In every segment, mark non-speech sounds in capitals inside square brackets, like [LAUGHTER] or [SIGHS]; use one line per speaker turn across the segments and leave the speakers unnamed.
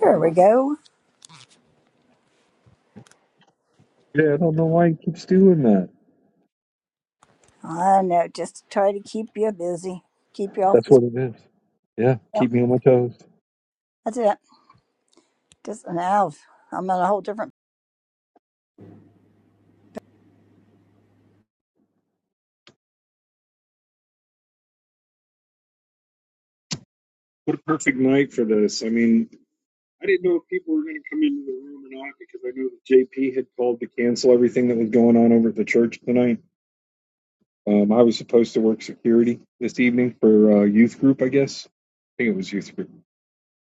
There we go. I know. Just try to keep you busy, keep you off the. Yep, that's it. Just now, I'm on a whole different.
What a perfect night for this. I mean, I didn't know if people were going to come into the room or not because I knew that JP had called to cancel everything that was going on over at the church tonight. Um, I was supposed to work security this evening for uh, youth group, I guess. I think it was youth group.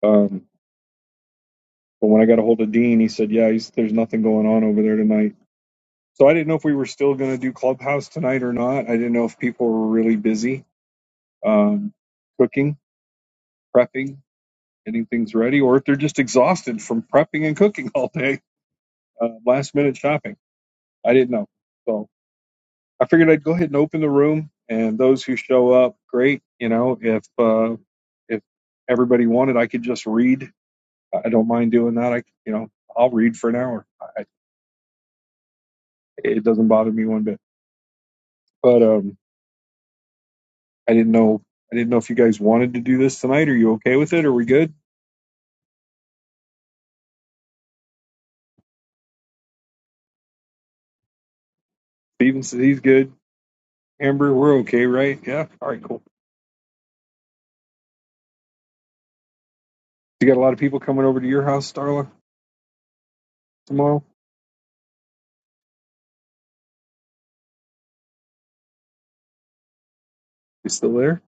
Um, but when I got a hold of Dean, he said, "Yeah, he's, there's nothing going on over there tonight." So I didn't know if we were still going to do clubhouse tonight or not. I didn't know if people were really busy um, cooking, prepping, getting things ready, or if they're just exhausted from prepping and cooking all day. uh, last minute shopping. I didn't know. So I figured I'd go ahead and open the room and those who show up, great. You know, if, uh, if everybody wanted, I could just read. I I don't mind doing that. I, you know, I'll read for an hour. I, it doesn't bother me one bit, but, um, I didn't know, I didn't know if you guys wanted to do this tonight. Are you okay with it? Are we good? Steven says he's good. Amber, we're okay, right? Yeah. All right, cool. You got a lot of people coming over to your house, Starla, tomorrow? You still there?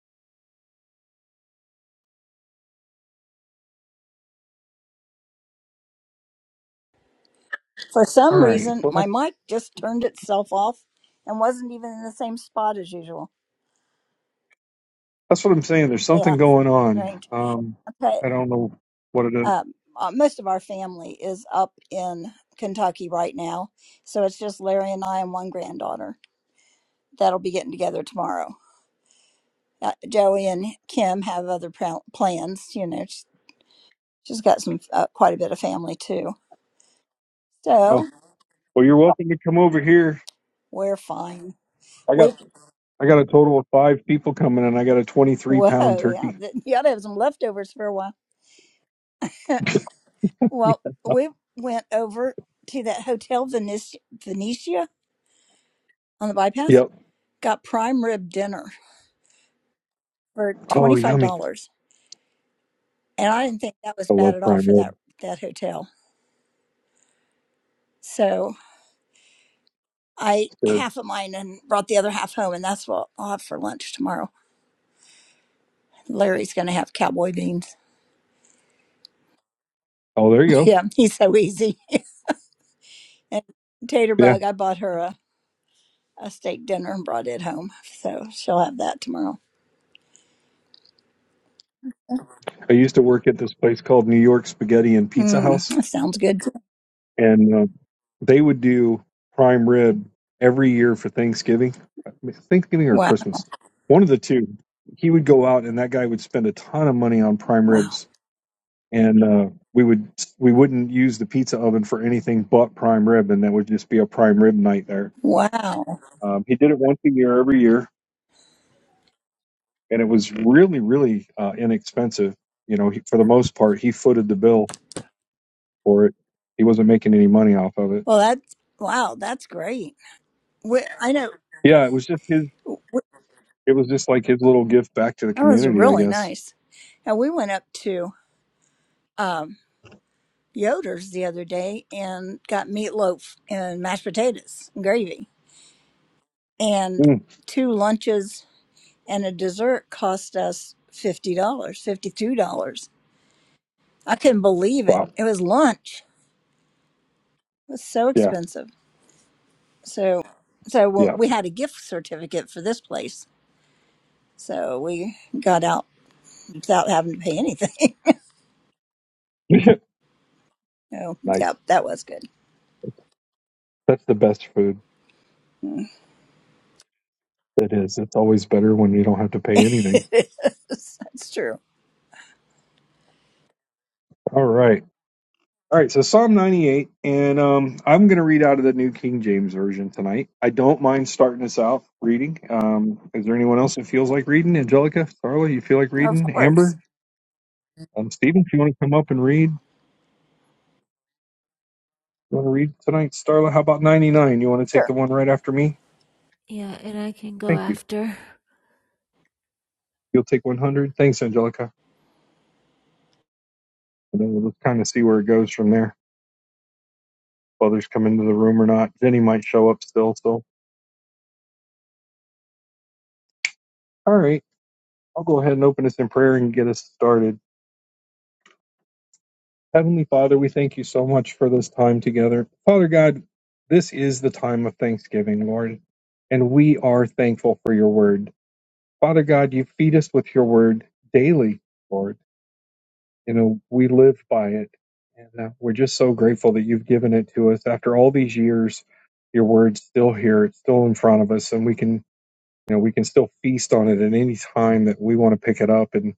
For
All
some
right.
reason,
Well,
my mic just turned itself off, and wasn't even in the same spot as usual.
That's what I'm saying. There's
Yeah,
something
it's
going on.
strange.
Um,
Okay.
I don't know what it is.
Um, uh, most of our family is up in Kentucky right now, so it's just Larry and I and one granddaughter that'll be getting together tomorrow. Uh, Joey and Kim have other pl- plans, you know, She's got some uh, quite a bit of family too.
Oh,
So
well, you're welcome to come over here.
we're fine.
I got
We
I got a total of five people coming, and I got a 23
whoa
pound
yeah,
turkey.
th- you ought to have some leftovers for a while. [LAUGHS] Well, we went over to that hotel Venice, Venetia on the bypass,
Yep.
got prime rib dinner for
Oh,
twenty five
yummy.
dollars, and I didn't think that
I
was bad
love
at all
prime
for
rib.
that that hotel. So I ate
It's good.
half of mine and brought the other half home, and that's what I'll have for lunch tomorrow. Larry's going to have cowboy beans. [LAUGHS]
Oh, there you go.
Yeah, he's so easy. And
Yeah,
Taterbug, I bought her a, a steak dinner and brought it home. So she'll have that tomorrow.
I used to work at this place called New York Spaghetti and Pizza
Mm,
House,
that sounds good.
and um they would do prime rib every year for Thanksgiving, Thanksgiving or
Wow.
Christmas, one of the two. He would go out, and that guy would spend a ton of money on prime
Wow.
ribs and uh, we would we wouldn't use the pizza oven for anything but prime rib, and that would just be a prime rib night there.
Wow.
Um, he did it once a year every year, and it was really really uh, inexpensive. You know, he, for the most part, he footed the bill for it. He wasn't making any money off of it.
Well, that's, wow, that's great. We, I know
Yeah, it was just his.
we,
It was just like his little gift back to the
that was
community, I
really
guess.
nice. And we went up to um, Yoder's the other day and got meatloaf and mashed potatoes and gravy. And
Mm,
two lunches and a dessert cost us $50, dollars, $52. I couldn't believe it.
wow.
It was lunch was so
Yeah.
expensive. So, so w-
Yeah.
we had a gift certificate for this place, so we got out without having to pay anything. [LAUGHS]
[LAUGHS]
So,
nice.
yep, that was good.
That's the best food.
Mm.
It is. It's always better when you don't have to pay
[LAUGHS]
anything.
It is. That's true.
All right. All right, so Psalm 98, and um, I'm going to read out of the New King James Version tonight. I don't mind starting us out reading. Um, is there anyone else that feels like reading? Angelica, Starla, you feel like
Of
reading?
course,
Amber, um, Stephen, if you want to come up and read, you want to read tonight? Starla, how about 99? You want to take the
sure.
one right after me?
Yeah, and I can go
Thank you.
after.
You'll take 100. Thanks, Angelica. And then we'll just kind of see where it goes from there. If others come into the room or not. Jenny might show up still. So, all right, I'll go ahead and open us in prayer and get us started. Heavenly Father, we thank you so much for this time together. Father God, this is the time of thanksgiving, Lord, and we are thankful for your word. Father God, you feed us with your word daily, Lord. You know, we live by it. And uh, we're just so grateful that you've given it to us. After all these years, your word's still here, it's still in front of us, and we can, you know, we can still feast on it at any time that we want to pick it up. And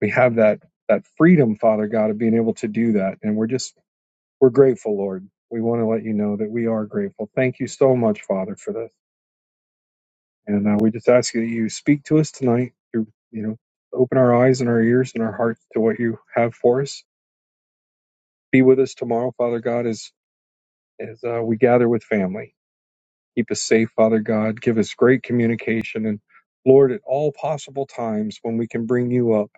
we have that that freedom, Father God, of being able to do that. And we're just we're grateful, Lord. We want to let you know that we are grateful. Thank you so much, Father, for this. And uh, we just ask you that you speak to us tonight. You, you know, open our eyes and our ears and our hearts to what you have for us. Be with us tomorrow, Father God, as as uh, we gather with family. Keep us safe, Father God. Give us great communication and Lord, at all possible times when we can bring you up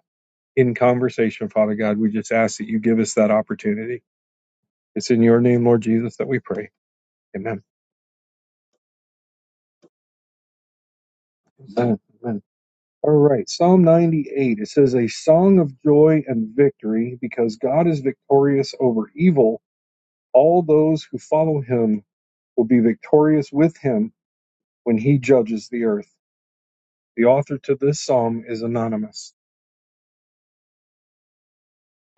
in conversation, Father God, we just ask that you give us that opportunity. It's in your name, Lord Jesus, that we pray. Amen. Amen. All right, Psalm 98. It says, A song of joy and victory, because God is victorious over evil. All those who follow him will be victorious with him when he judges the earth. The author to this psalm is anonymous.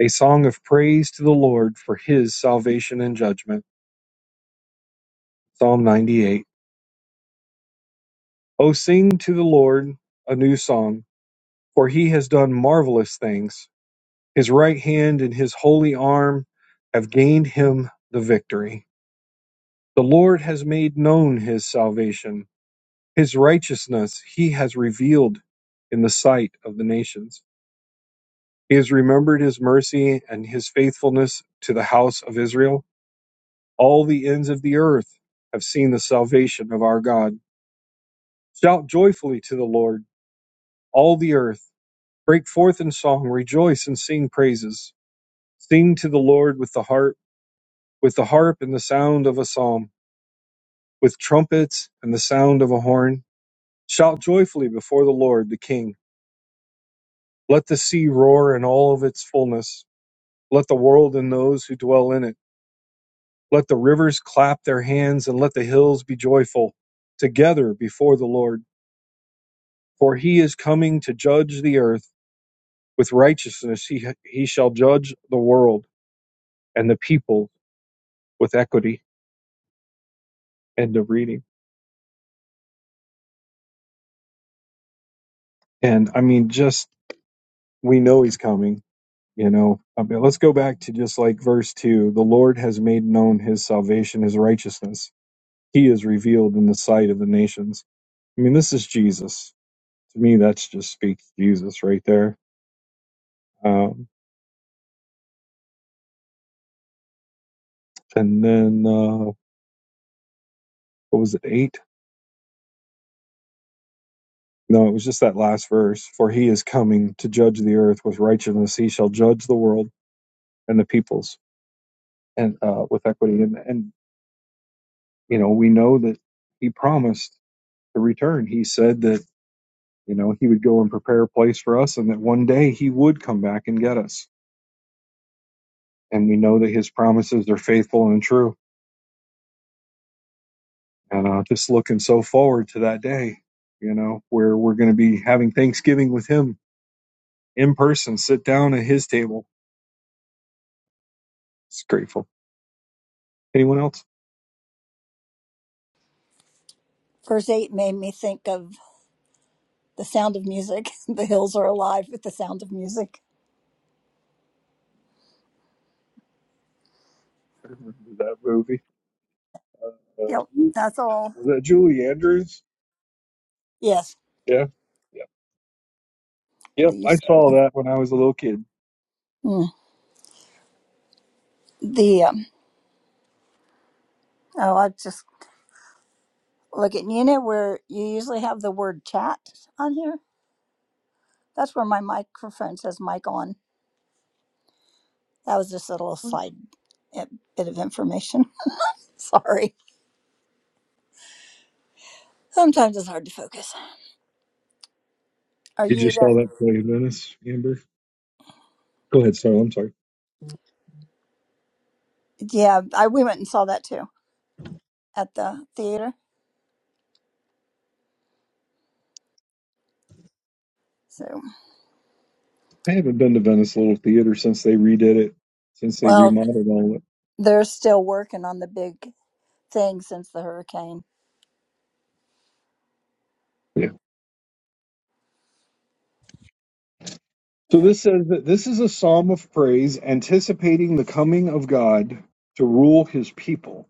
A song of praise to the Lord for his salvation and judgment. Psalm 98. O sing to the Lord a new song, for he has done marvelous things. His right hand and his holy arm have gained him the victory. The Lord has made known his salvation. His righteousness he has revealed in the sight of the nations. He has remembered his mercy and his faithfulness to the house of Israel. All the ends of the earth have seen the salvation of our God. Shout joyfully to the Lord, all the earth. Break forth in song, rejoice and sing praises. Sing to the Lord with the harp, with the harp and the sound of a psalm, with trumpets and the sound of a horn. Shout joyfully before the Lord, the King. Let the sea roar in all of its fullness. Let the world and those who dwell in it. Let the rivers clap their hands and let the hills be joyful together before the Lord. For he is coming to judge the earth. With righteousness he, he shall judge the world and the people with equity. End of reading. And I mean, just we know he's coming, you know. I mean, let's go back to just like verse 2 the Lord has made known his salvation, his righteousness. He is revealed in the sight of the nations I mean, this is Jesus. To me, that's just speaks Jesus right there. Um, and then, uh, what was it, eight? No, it was just that last verse. For he is coming to judge the earth with righteousness. He shall judge the world and the peoples and uh, with equity. And, and, you know, we know that he promised to return. He said that, you know, he would go and prepare a place for us and that one day he would come back and get us. And we know that his promises are faithful and true And uh, just looking so forward to that day, you know, where we're going to be having Thanksgiving with him in person, sit down at his table. It's grateful. Anyone else?
Verse eight made me think of the sound of music. [LAUGHS] The hills are alive with the sound of music.
I remember that movie.
Yep,
Uh,
that's all.
was that Julie Andrews?
Yes,
Yeah. Yeah. Yep,
believe
I
so.
saw that when I was a little kid.
Mm. The um, oh, I just look at Nina. Where you usually have the word chat on here. That's where my microphone says mic on. That was just a little side eh, bit of information. [LAUGHS] Sorry. Sometimes it's hard to focus. Are
You
you?
just saw that play in Venice, Amber? Go ahead, sorry, I'm sorry.
Yeah, I, we went and saw that too at the theater. So,
I haven't been to Venice Little Theater since they redid it, since they
well,
remodeled all of
they're still working on the big thing since the hurricane.
it. So
Yep,
this says that this is a psalm of praise anticipating the coming of God to rule his people.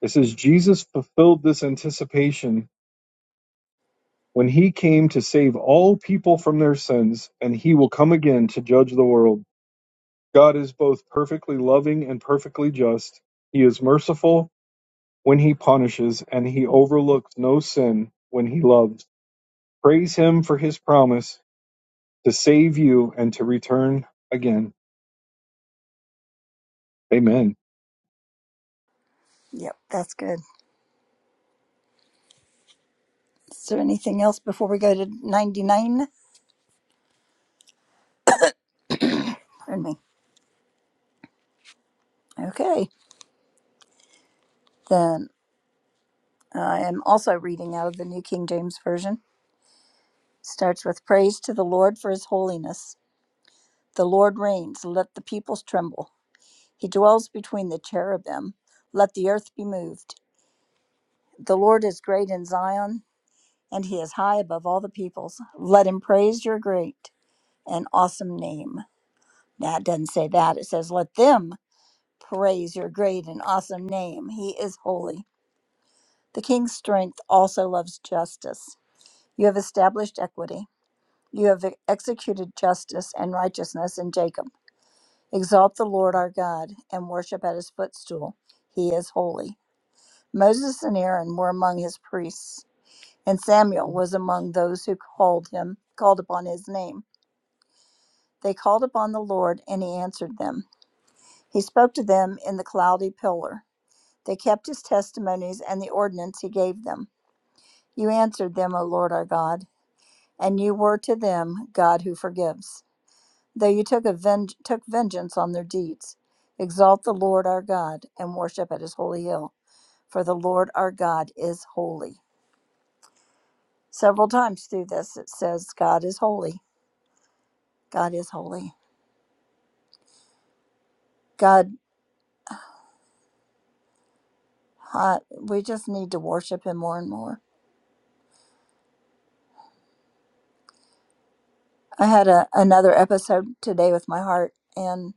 It says Jesus fulfilled this anticipation when he came to save all people from their sins, and he will come again to judge the world. God is both perfectly loving and perfectly just. He is merciful when he punishes, and he overlooks no sin when he loves. Praise him for his promise to save you and to return again. Amen.
Yep, that's good. Is there anything else before we go to 99? Pardon me. Okay, then I am also reading out of the New King James Version. Starts with praise to the Lord for his holiness. The Lord reigns, let the peoples tremble. He dwells between the cherubim, let the earth be moved. The Lord is great in Zion, and he is high above all the peoples. Let him praise your great and awesome name. That doesn't say that. It says, Let them praise your great and awesome name. He is holy. The king's strength also loves justice. You have established equity. You have executed justice and righteousness in Jacob. Exalt the Lord our God and worship at his footstool. He is holy. Moses and Aaron were among his priests, and Samuel was among those who called him, called upon his name. They called upon the Lord, and he answered them. He spoke to them in the cloudy pillar. They kept his testimonies and the ordinance he gave them. You answered them, O Lord our God, and you were to them God who forgives though you took, a ven- took vengeance on their deeds. Exalt the Lord our God and worship at his holy hill, for the Lord our God is holy. Several times through this, it says, God is holy. God is holy. God, uh, we just need to worship him more and more. I had a, another episode today with my heart and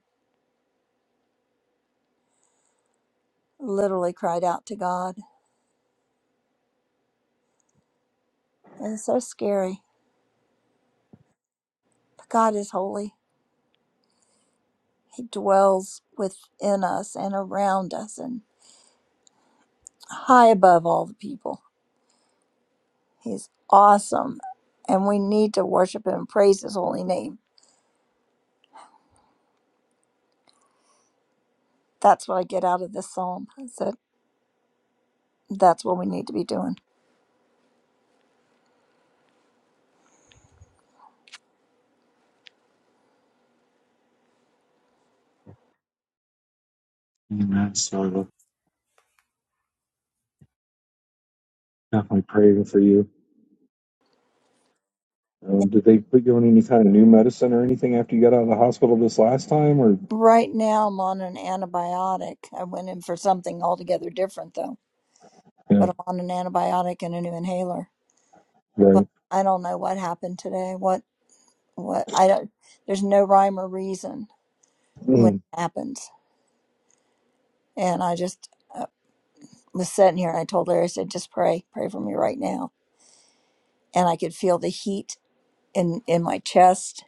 literally cried out to God. And it's so scary. But God is holy. He dwells within us and around us and high above all the people He's awesome. And we need to worship him and praise his holy name. That's what I get out of this psalm. Is that that's what we need to be doing.
Um, did they put you on any kind of new medicine or anything after you got out?
Right now, I'm on an antibiotic. I went in for something altogether different, though.
Yeah,
But I'm on an antibiotic and a new inhaler.
right,
But I don't know what happened today. What, what, I don't, there's no rhyme or reason when
mm,
it happens. And I just uh, was sitting here and I told Larry, I said, just pray, pray for me right now. And I could feel the heat in, in my chest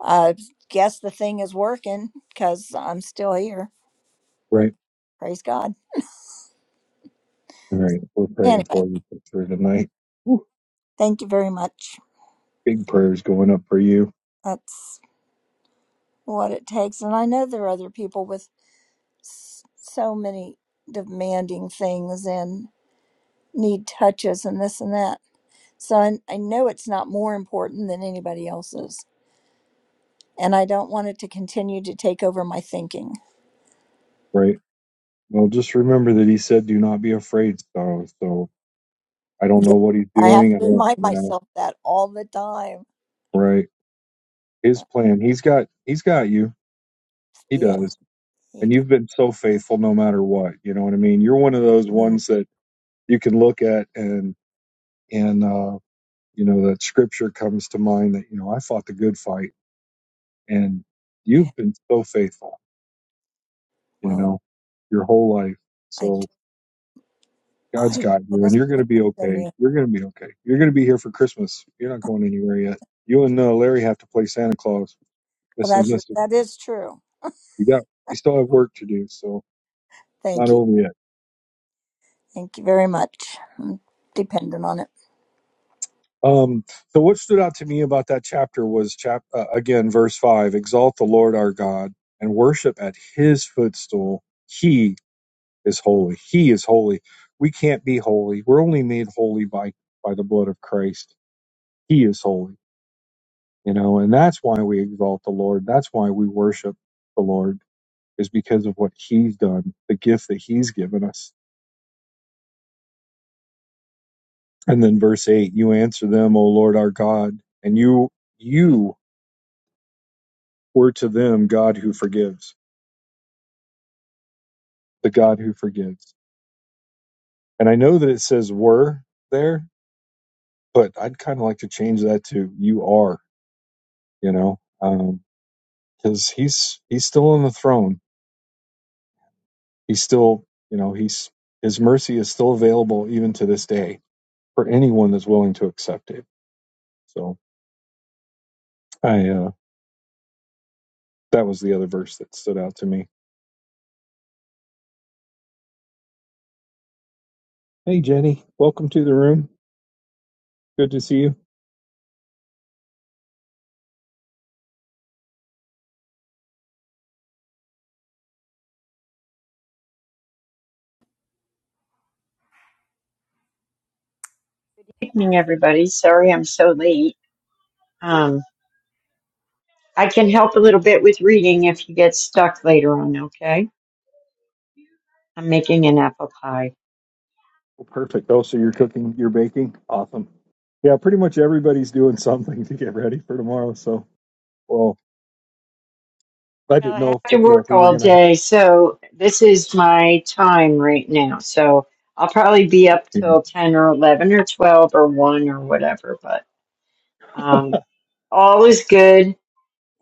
I guess the thing is working because I'm still here.
right,
Praise God.
all right. We're praying
Anyway,
for you for sure tonight.
thank you very much.
Big prayers going up for you,
That's what it takes. And I know there are other people with s- so many demanding things and need touches and this and that. So I, I know it's not more important than anybody else's. And I don't want it to continue to take over my thinking.
right? Well, just remember that he said, "Do not be afraid." So, so I don't
Yeah.
know what he's
I have
doing. I
to
don't,
remind
you know,
myself that all the time.
right? His plan. He's got. He's got you. He
Yeah,
does.
he
And
does.
you've been so faithful, no matter what. You know what I mean. You're one of those
Mm.
ones that you can look at and and uh, you know that scripture comes to mind that you know I fought the good fight and
eh,
you've been so faithful, you
Well,
know, your whole life.
I
So God's
I,
got
I
you, and
just
you're going to
want
be
to
okay.
continue.
You're going to be okay. You're going to be here for Christmas. You're not going anywhere yet. You and uh, Larry have to play Santa Claus,
Well,
This is
that's
Mister.
that is true.
You got, you still have work to do, so not
Thank you.
over yet.
Thank you very much. I'm dependent on it.
Um, so what stood out to me about that chapter was chap uh, again verse five: Exalt the Lord our God and worship at His footstool. He is holy. He is holy. We can't be holy. We're only made holy by by the blood of Christ. He is holy, you know, and that's why we exalt the Lord. That's why we worship the Lord is because of what he's done, the gift that he's given us. And then verse 8, you answer them, O Lord our God, and you you were to them God who forgives, the God who forgives. And I know that it says were there, but I'd kind of like to change that to you are, you know. Um, because he's he's still on the throne. He's still, you know, he's his mercy is still available even to this day for anyone that's willing to accept it. So I uh, that was the other verse that stood out to me. Hey Jenny, welcome to the room. Good to see you.
Good evening, everybody. Sorry I'm so late. Um, I can help a little bit with reading if you get stuck later on, okay? I'm making an apple pie.
Well, perfect. Oh, so you're cooking, you're baking. Awesome. Yeah, pretty much everybody's doing [LAUGHS] something to get ready for tomorrow. So, well, I
Well,
didn't
I have
know
to
if you know if
work
we were
all
gonna.
day, so this is my time right now. So I'll probably be up
Have,
till 10 or 11 or 12 or 1 or whatever, but um, all is good.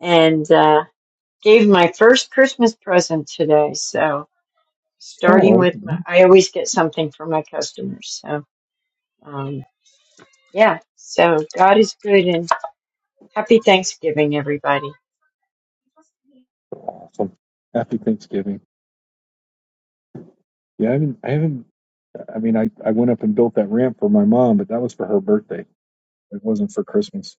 And uh, gave my first Christmas present today, so starting
oh,
with my,
okay.
I always get something for my customers, so. um. Yeah, so God is good and happy Thanksgiving, everybody.
awesome. Happy Thanksgiving. Yeah, I haven't, I haven't, I mean, I, I went up and built that ramp for my mom, but that was for her birthday. It wasn't for Christmas.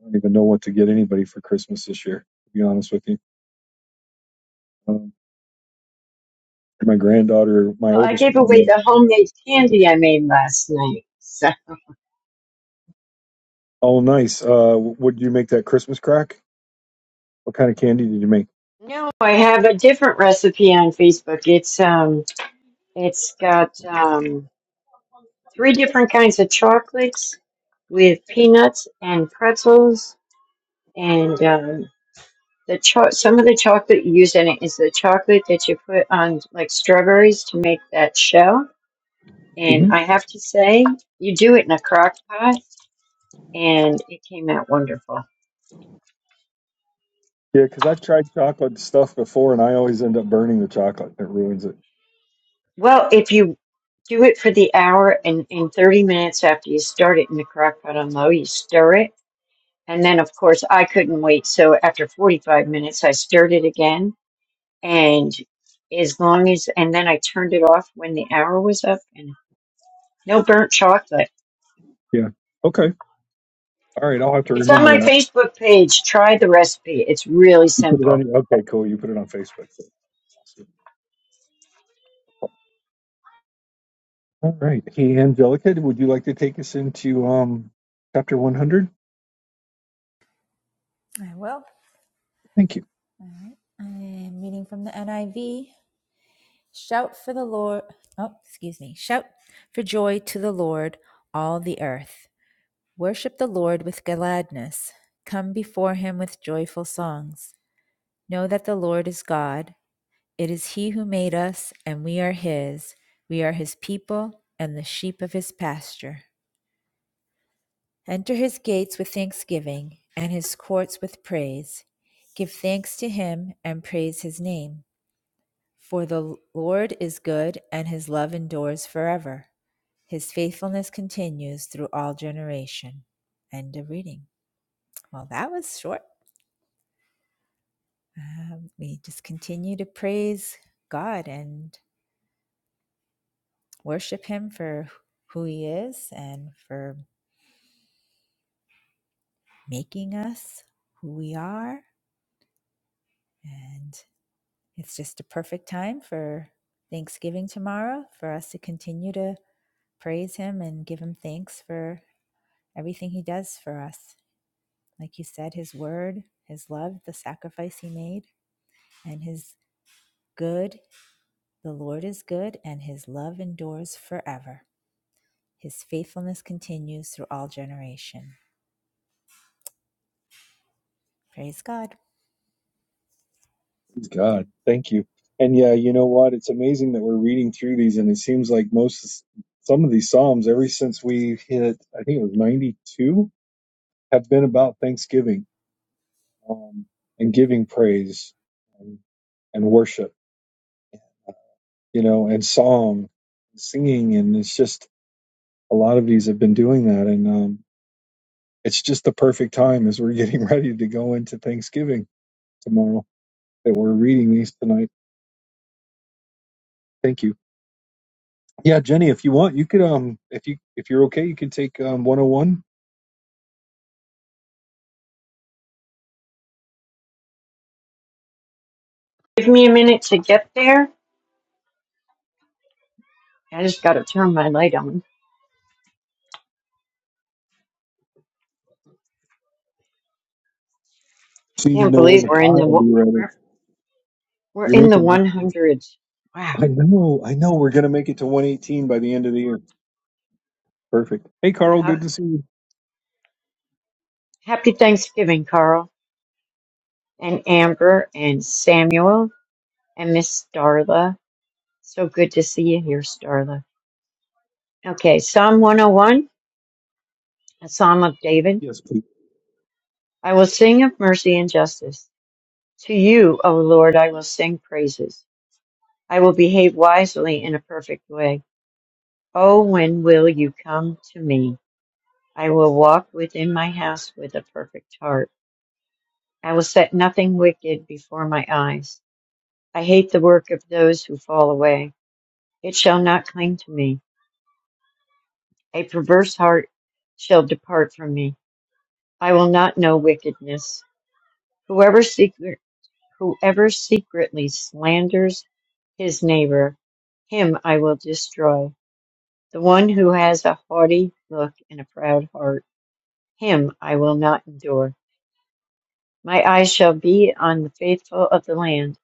I don't even know what to get anybody for Christmas this year, to be honest with you. Um, my granddaughter, my
Well, I
oldest,
gave away
granddaughter,
the homemade candy I made last night. So
oh, nice. Uh, what you make that Christmas crack? What kind of candy did you make?
no, [LAUGHS] I have a different recipe on Facebook. It's um, it's got um, three different kinds of chocolates with peanuts and pretzels, and um, the cho- some of the chocolate you use in it is the chocolate that you put on like strawberries to make that shell. And
hmm
I have to say, you do it in a crock pot and it came out wonderful.
Yeah, because I've tried chocolate stuff before and I always end up burning the chocolate. It ruins it.
Well, if you do it for the hour and, and 30 minutes after you start it in the crock pot on low, you stir it. And then, of course, I couldn't wait. So after 45 minutes, I stirred it again. And as long as, and then I turned it off when the hour was up and no burnt chocolate.
Yeah. Okay. All right. I'll have to
It's on
remember
my
that.
Facebook page. Try the recipe. It's really
You put it on,
simple.
okay, cool. You put it on Facebook. All right. Hey, Angelica, would you like to take us into um, chapter 100?
I will.
Thank you.
I am reading from the NIV. Shout for the Lord. Oh, excuse me. Shout for joy to the Lord, all the earth. Worship the Lord with gladness. Come before him with joyful songs. Know that the Lord is God. It is he who made us, and we are his. We are his people and the sheep of his pasture. Enter his gates with thanksgiving and his courts with praise. Give thanks to him and praise his name. For the Lord is good and his love endures forever. His faithfulness continues through all generation. End of reading. Well, that was short. Um, we just continue to praise God and worship him for who he is and for making us who we are. And It's just a perfect time for Thanksgiving tomorrow for us to continue to praise Him and give Him thanks for everything He does for us. Like you said, His word, His love, the sacrifice He made, and His good. The Lord is good, and His love endures forever. His faithfulness continues through all generation. Praise God.
Praise God. Thank you. And yeah, you know what? It's amazing that we're reading through these, and it seems like most, some of these Psalms, ever since we hit, I think it was 92, have been about Thanksgiving um, and giving praise and, and worship, you know, and song, singing. And it's just a lot of these have been doing that. And um, it's just the perfect time as we're getting [LAUGHS] ready to go into Thanksgiving tomorrow. that were reading these tonight. Thank you. Yeah, Jenny, if you want, you could um if you if you're okay, you can take um 101.
Give me a minute to get there. I just got to turn my light on. I
Just need to
can't
know when
believe
the
we're
pie
in the
will be
wa-
ready.
We're
You're
in the
making that.
100s. Wow.
I know, I know we're gonna make it to 118 by the end of the year. Perfect. Hey Carl,
Uh,
good to see you.
happy Thanksgiving, Carl, and Amber, and Samuel, and Miss Starla. So good to see you here, Starla. Okay, Psalm 101, a Psalm of David.
Yes, please.
I will sing of mercy and justice. To you, O Lord, I will sing praises. I will behave wisely in a perfect way. Oh, when will you come to me? I will walk within my house with a perfect heart. I will set nothing wicked before my eyes. I hate the work of those who fall away. It shall not cling to me. A perverse heart shall depart from me. I will not know wickedness. Whoever secret, whoever secretly slanders his neighbor, him I will destroy. The one who has a haughty look and a proud heart, him I will not endure. My eyes shall be on the faithful of the land,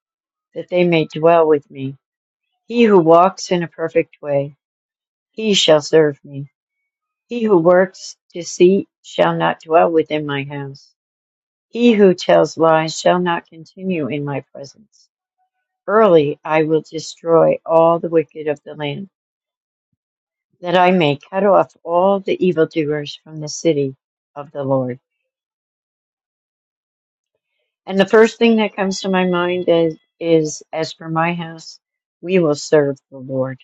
that they may dwell with me. He who walks in a perfect way, he shall serve me. He who works deceit shall not dwell within my house. He who tells lies shall not continue in my presence. Early I will destroy all the wicked of the land, that I may cut off all the evildoers from the city of the Lord. And the first thing that comes to my mind is, is as for my house, we will serve the Lord.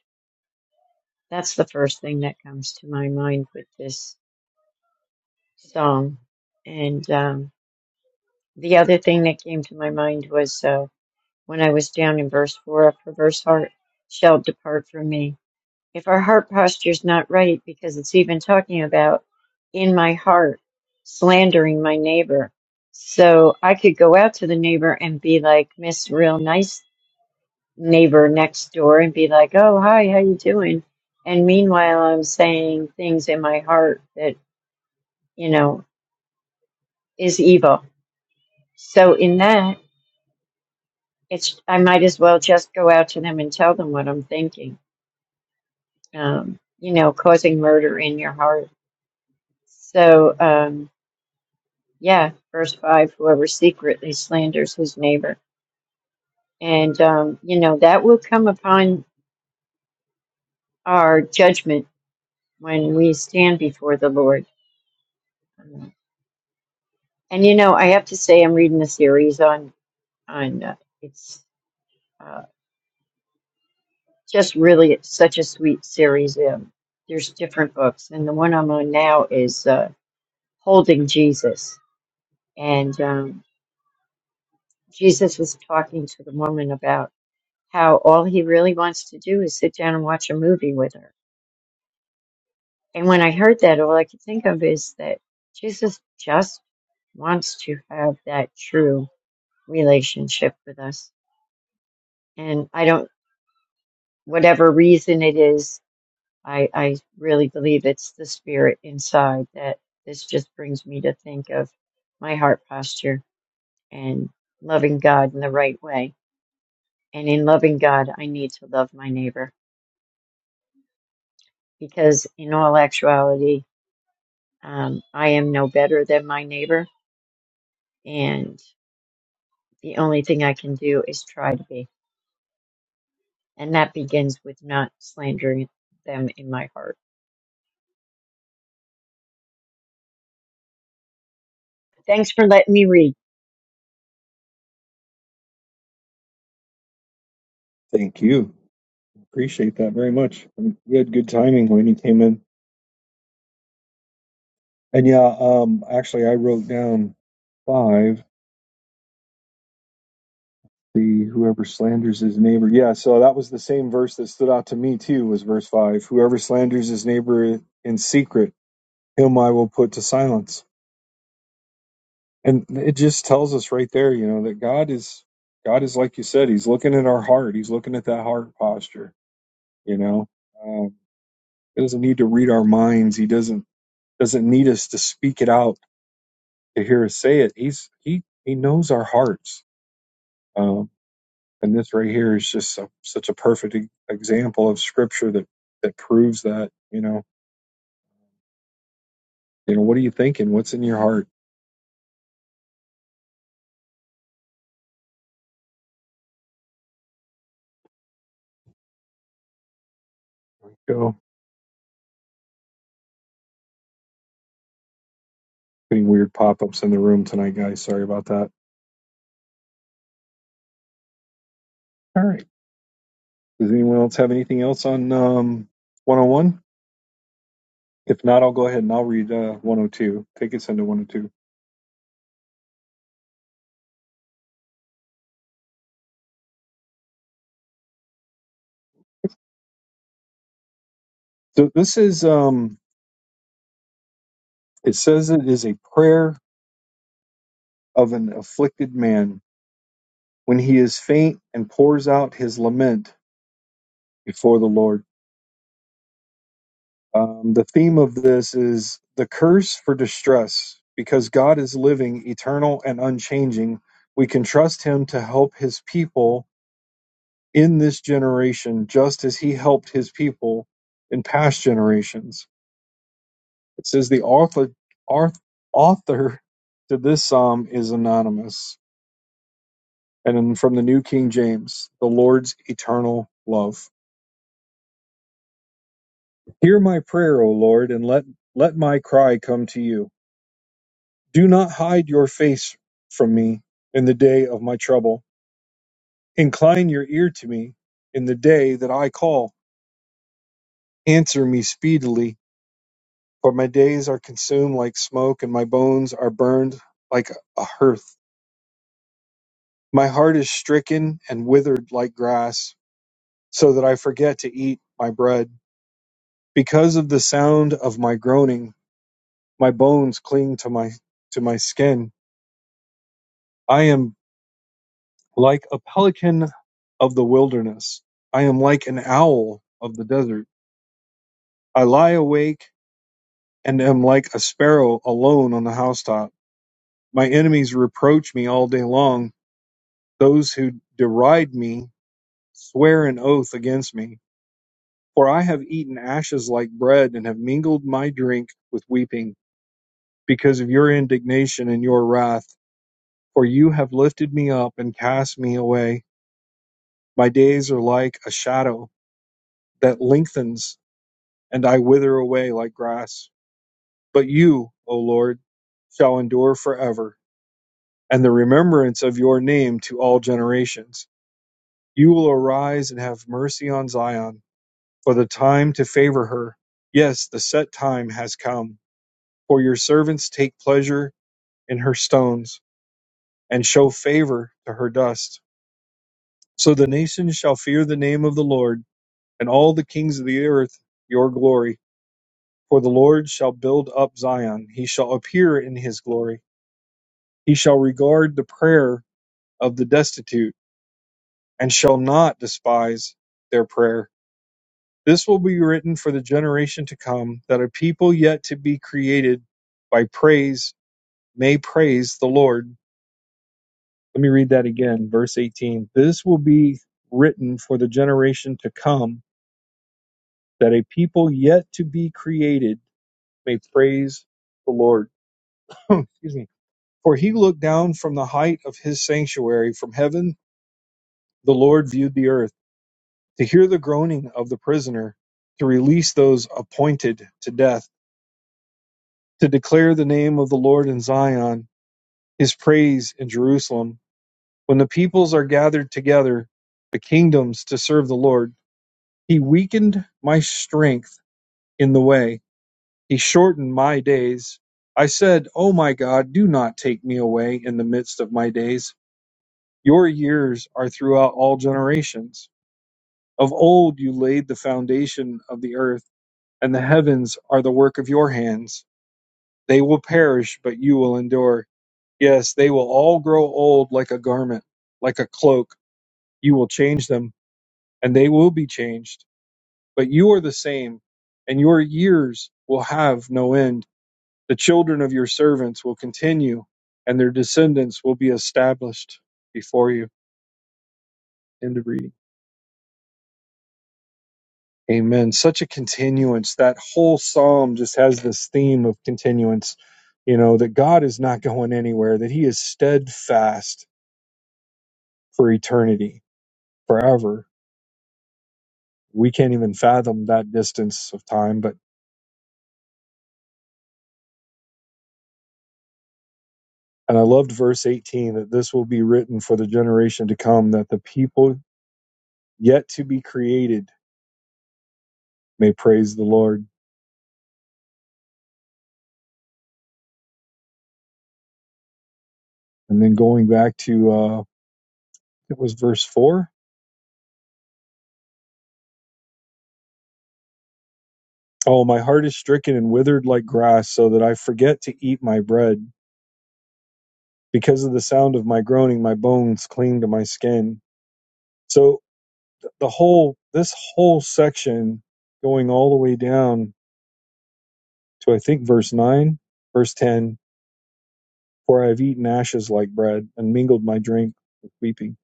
That's the first thing that comes to my mind with this song. And um, the other thing that came to my mind was. Uh, when I was down in verse 4, a perverse heart shall depart from me. If our heart posture is not right, because it's even talking about in my heart, slandering my neighbor. So I could go out to the neighbor and be like Miss Real Nice neighbor next door and be like, oh, hi, how you doing? And meanwhile, I'm saying things in my heart that, you know, is evil. So in that, it's, I might as well just go out to them and tell them what I'm thinking um, you know, causing murder in your heart. So, um, yeah, verse 5 whoever secretly slanders his neighbor. And, um, you know, that will come upon our judgment when we stand before the Lord. And, you know, I have to say, I'm reading a series on, on uh, it's uh, just really it's such a sweet series. Um, there's different books, and the one I'm on now is uh, Holding Jesus. And, um, Jesus was talking to the woman about how all he really wants to do is sit down and watch a movie with her. And when I heard that, all I could think of is that Jesus just wants to have that true relationship with us. And I don't, whatever reason it is, I, I really believe it's the spirit inside that this just brings me to think of my heart posture and loving God in the right way. And in loving God, I need to love my neighbor. because in all actuality, um, I am no better than my neighbor, and the only thing I can do is try to be, and that begins with not slandering them in my heart. Thanks for letting me read
Thank you. Appreciate that very much. And You had good timing when you came in. And yeah, um actually I wrote down five The whoever slanders his neighbor. Yeah, so that was the same verse that stood out to me too, was verse five. Whoever slanders his neighbor in secret, him I will put to silence. And it just tells us right there, you know, that God is God is like you said, He's looking at our heart. He's looking at that heart posture, you know. Um, he doesn't need to read our minds. He doesn't doesn't need us to speak it out to hear us say it. He's he he knows our hearts. Um And this right here is just so, such a perfect e- example of scripture that, that proves that, you know, you know, what are you thinking? What's in your heart? Go. Any weird pop-ups in the room tonight, guys. Sorry about that. All right. Does anyone else have anything else on um, 101? If not, I'll go ahead and I'll read uh, 102. Take us into 102. So this is, um, it says it is a prayer of an afflicted man when he is faint and pours out his lament before the Lord. Um, the theme of this is the curse for distress. Because God is living, eternal, and unchanging, we can trust Him to help His people in this generation, just as He helped His people in past generations. It says the author, arth- author to this psalm is anonymous. And then from the New King James, the Lord's eternal love. Hear my prayer, O Lord, and let, let my cry come to you. Do not hide your face from me in the day of my trouble. Incline your ear to me in the day that I call. Answer me speedily, for my days are consumed like smoke, and my bones are burned like a hearth. My heart is stricken and withered like grass, so that I forget to eat my bread. Because of the sound of my groaning, my bones cling to my to my skin. I am Like a pelican of the wilderness, I am like an owl of the desert with weeping, like a shadow that lengthens, and I wither away like grass. But you, O Lord, shall endure forever, and the remembrance of your name to all generations. You will arise and have mercy on Zion, for the time to favor her. Yes, the set time has come, for your servants take pleasure in her stones and show favor to her dust. So the nations shall fear the name of the Lord, and all the kings of the earth your glory. For the Lord shall build up Zion, he shall appear in his glory. He shall regard the prayer of the destitute, and shall not despise their prayer. This will be written for the generation to come, that a people yet to be created by praise may praise the Lord. Let me read that again, verse 18. This will be written for the generation to come that a people yet to be created may praise the Lord. [LAUGHS] Excuse me. For he looked down from the height of his sanctuary from heaven, the Lord viewed the earth, to hear the groaning of the prisoner, to release those appointed to death, to declare the name of the Lord in Zion, his praise in Jerusalem. When the peoples are gathered together, the kingdoms to serve the Lord, he weakened my strength in the way He shortened my days. I said, O my God, do not take me away in the midst of my days. Your years are throughout all generations. Of old you laid the foundation of the earth, and the heavens are the work of your hands. They will perish, but you will endure. Yes, they will all grow old like a garment, like a cloak. You will change them, and they will be changed. But you are the same, and your years will have no end. The children of your servants will continue, and their descendants will be established before you. End of reading. Amen. Such a continuance. That whole psalm just has this theme of continuance, you know, that God is not going anywhere, that He is steadfast for eternity, forever. We can't even fathom that distance of time, but and I loved verse 18 that this will be written for the generation to come, that the people yet to be created may praise the Lord. And then going back to uh, It was verse 4. Oh, my heart is stricken and withered like grass, so that I forget to eat my bread. Because of the sound of my groaning, my bones cling to my skin. So the whole, this whole section going all the way down to I think verse 9, verse 10, for I have eaten ashes like bread and mingled my drink with weeping.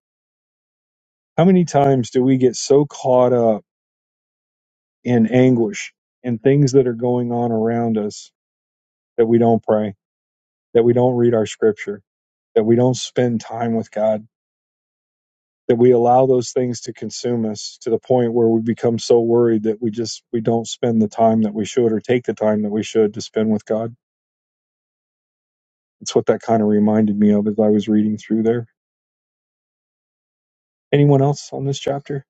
How many times do we get so caught up in anguish and things that are going on around us that we don't pray, that we don't read our scripture? that we don't spend time with God, that we allow those things to consume us to the point where we become so worried that we just we don't spend the time that we should or take the time that we should to spend with God. It's what that kind of reminded me of as I was reading through there. Anyone else on this chapter?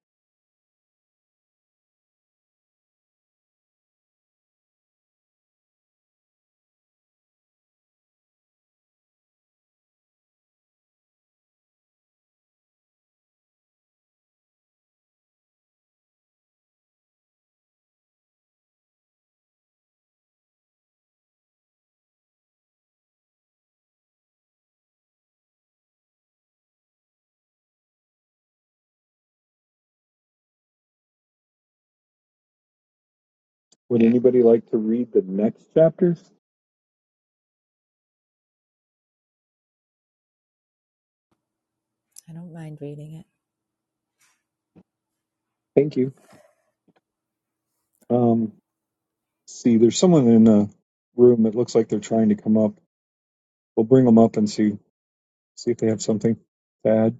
Would anybody like to read the next chapter?
I don't mind reading it.
Thank you. Um, see, there's someone in the room that looks like they're trying to come up. We'll bring them up and see see if they have something to add.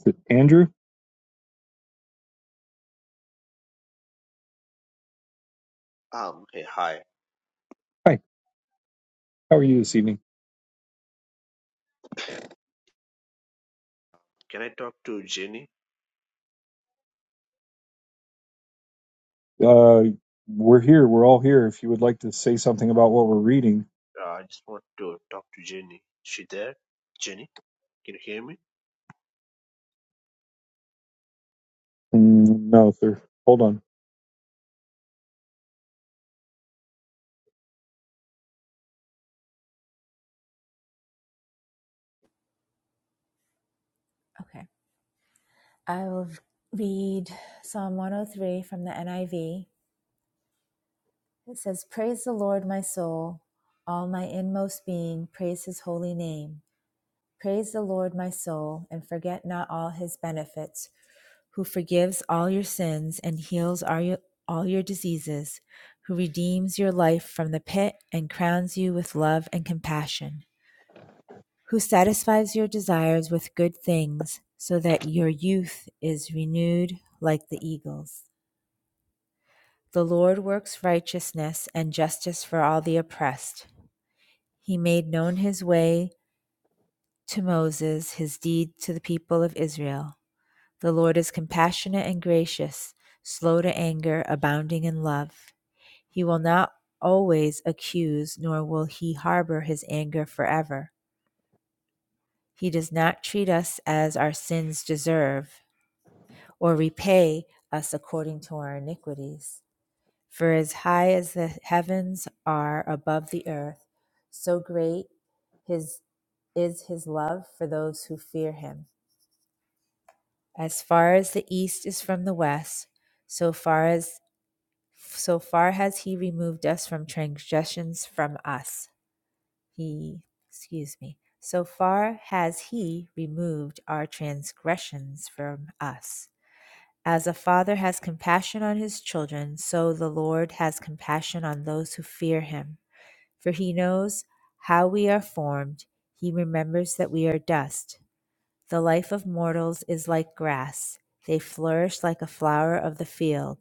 Is it Andrew?
Um, hey, hi.
Hi, how are you this evening?
Can I talk to Jenny?
Uh, we're here. We're all here. If you would like to say something about what we're reading,
Uh, I just want to talk to Jenny. Is she there? Jenny, can you hear me?
Mm, no, sir. Hold on.
Okay. I will read Psalm 103 from the NIV It says, Praise the Lord, my soul, all my inmost being, praise his holy name. Praise the Lord, my soul, and forget not all his benefits, who forgives all your sins and heals all your, all your diseases, who redeems your life from the pit and crowns you with love and compassion, who satisfies your desires with good things, so that your youth is renewed like the eagles. The Lord works righteousness and justice for all the oppressed. He made known his way to Moses, his deed to the people of Israel. The Lord is compassionate and gracious, slow to anger, abounding in love. He will not always accuse, nor will he harbor his anger forever. He does not treat us as our sins deserve, or repay us according to our iniquities. For as high as the heavens are above the earth, so great his, is his love for those who fear him. As far as the east is from the west, so far as so far has he removed us from transgressions from us. He, excuse me, so far has he removed our transgressions from us. As a father has compassion on his children, so the Lord has compassion on those who fear him. For he knows how we are formed, he remembers that we are dust. The life of mortals is like grass, they flourish like a flower of the field.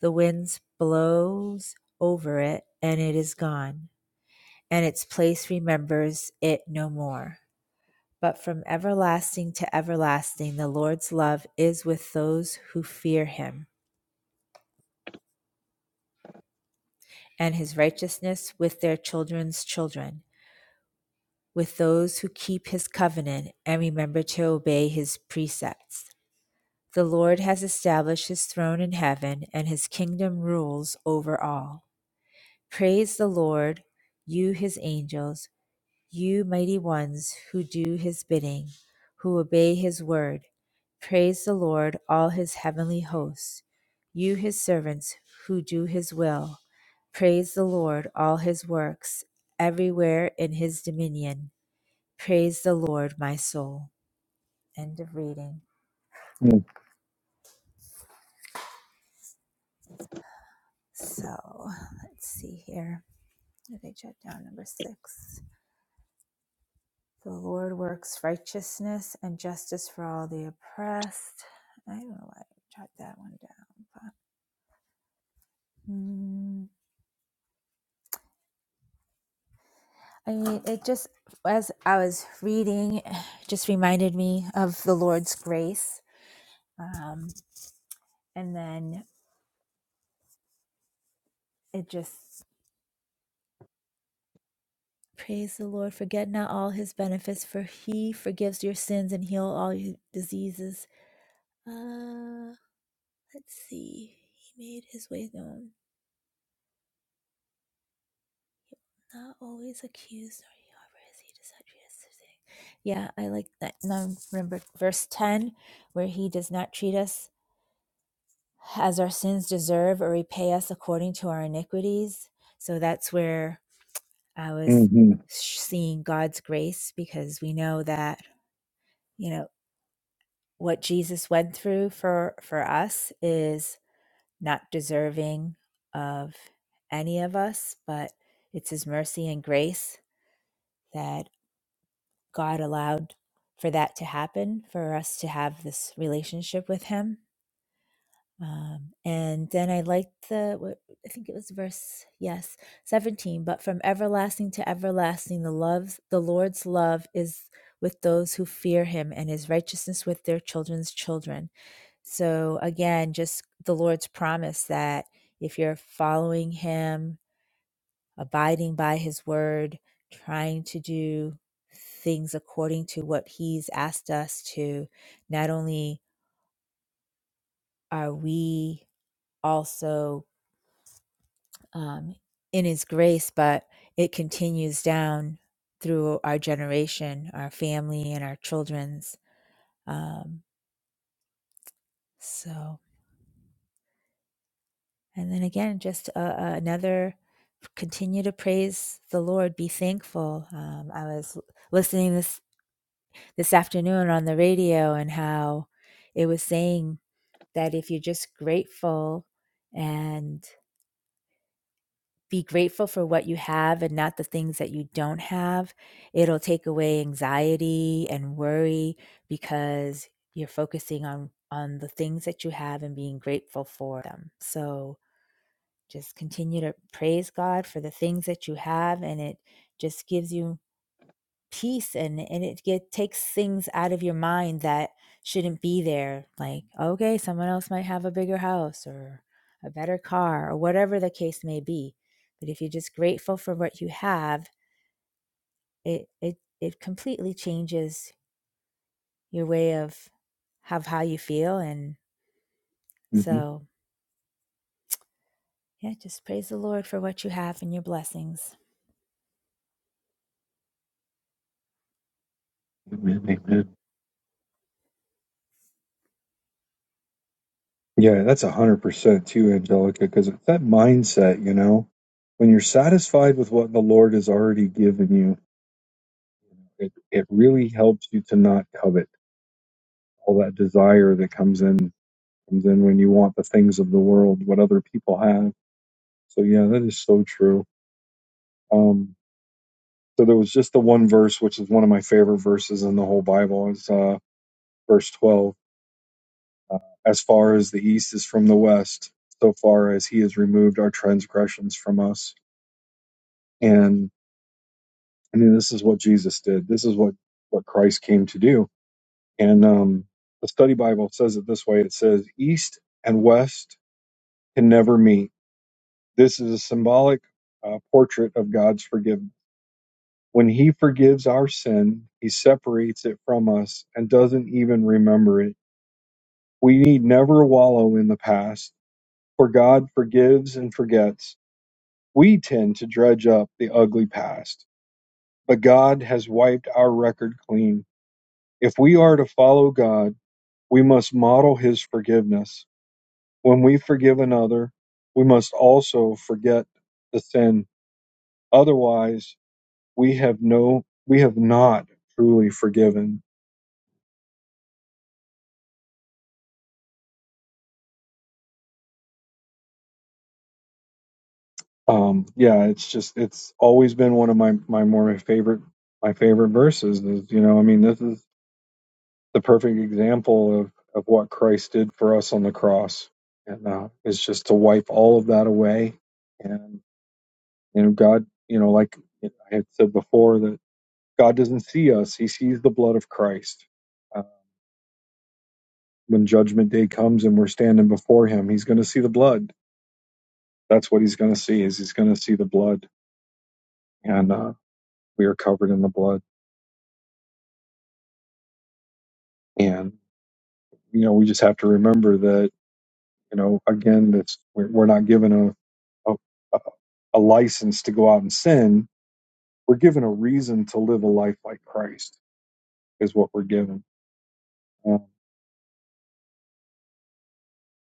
The wind blows over it, and it is gone, and its place remembers it no more. But from everlasting to everlasting, the Lord's love is with those who fear him, and his righteousness with their children's children with those who keep his covenant and remember to obey his precepts. The Lord has established his throne in heaven, and his kingdom rules over all. Praise the Lord, you his angels, you mighty ones who do his bidding, who obey his word. Praise the Lord, all his heavenly hosts, you his servants who do his will. Praise the Lord, all his works, everywhere in his dominion. Praise the Lord, my soul. End of reading. So let's see here. Did I jot down number six? The Lord works righteousness and justice for all the oppressed. I don't know why I jot that one down, but mm, I mean, it just as I was reading, [SIGHS] just reminded me of the Lord's grace. Um, and then it just Praise the Lord. Forget not all his benefits, for he forgives your sins and heal all your diseases. Uh, let's see. He made his way known, not always accused, nor he harbor is he does not treat us as thing. Yeah, I like that. Now remember verse 10, where he does not treat us as our sins deserve or repay us according to our iniquities. So that's where I was
Mm-hmm.
seeing God's grace because we know that you know. what Jesus went through for for us is not deserving of any of us, but it's his mercy and grace that God allowed for that to happen, for us to have this relationship with him. Um, and then I liked the, what, I think it was verse, yes, 17, but from everlasting to everlasting, the loves, the Lord's love is with those who fear him and his righteousness with their children's children So again, just the Lord's promise that if you're following Him, abiding by His word, trying to do things according to what He's asked us to, not only are we also um, in His grace, but it continues down through our generation, our family, and our children's. Um, so. And then again, just uh, uh, another continue to praise the Lord, be thankful. Um, I was listening this this afternoon on the radio and how it was saying that if you're just grateful and be grateful for what you have and not the things that you don't have, it'll take away anxiety and worry because you're focusing on on the things that you have and being grateful for them. So Just continue to praise God for the things that you have, and it just gives you peace and and it get, takes things out of your mind that shouldn't be there. Like, okay, someone else might have a bigger house or a better car or whatever the case may be. But if you're just grateful for what you have, it it it completely changes your way of have how you feel and
hmm
so yeah, just praise the Lord for what you have and your blessings.
Yeah, that's a hundred percent too, Angelica, because it's that mindset, you know, when you're satisfied with what the Lord has already given you, it, it really helps you to not covet all that desire that comes in comes in when you want the things of the world, what other people have. So yeah, that is so true. Um. So there was just the one verse, which is one of my favorite verses in the whole Bible. It's uh, verse 12. Uh, as far as the east is from the west, so far as he has removed our transgressions from us. And I mean, this is what Jesus did. This is what, what Christ came to do. And um, the study Bible says it this way it says, East and west can never meet. This is a symbolic uh, portrait of God's forgiveness. When he forgives our sin, he separates it from us and doesn't even remember it We need never wallow in the past, for God forgives and forgets. We tend to dredge up the ugly past, but God has wiped our record clean. If we are to follow God, we must model his forgiveness. When we forgive another, we must also forget the sin. Otherwise, we have no we have not truly forgiven. Um yeah, it's just it's always been one of my my more favorite my favorite verses is you know i mean this is the perfect example of, of what Christ did for us on the cross. And uh, it's just to wipe all of that away. And, you know, God, you know, like I had said before, that God doesn't see us, He sees the blood of Christ. Uh, when judgment day comes and we're standing before Him, He's going to see the blood. That's what He's going to see is He's going to see the blood. And uh, we are covered in the blood. And, you know, we just have to remember that, you know, again, that's we're, we're not given a, a, a license to go out and sin We're given a reason to live a life like Christ, is what we're given. Uh,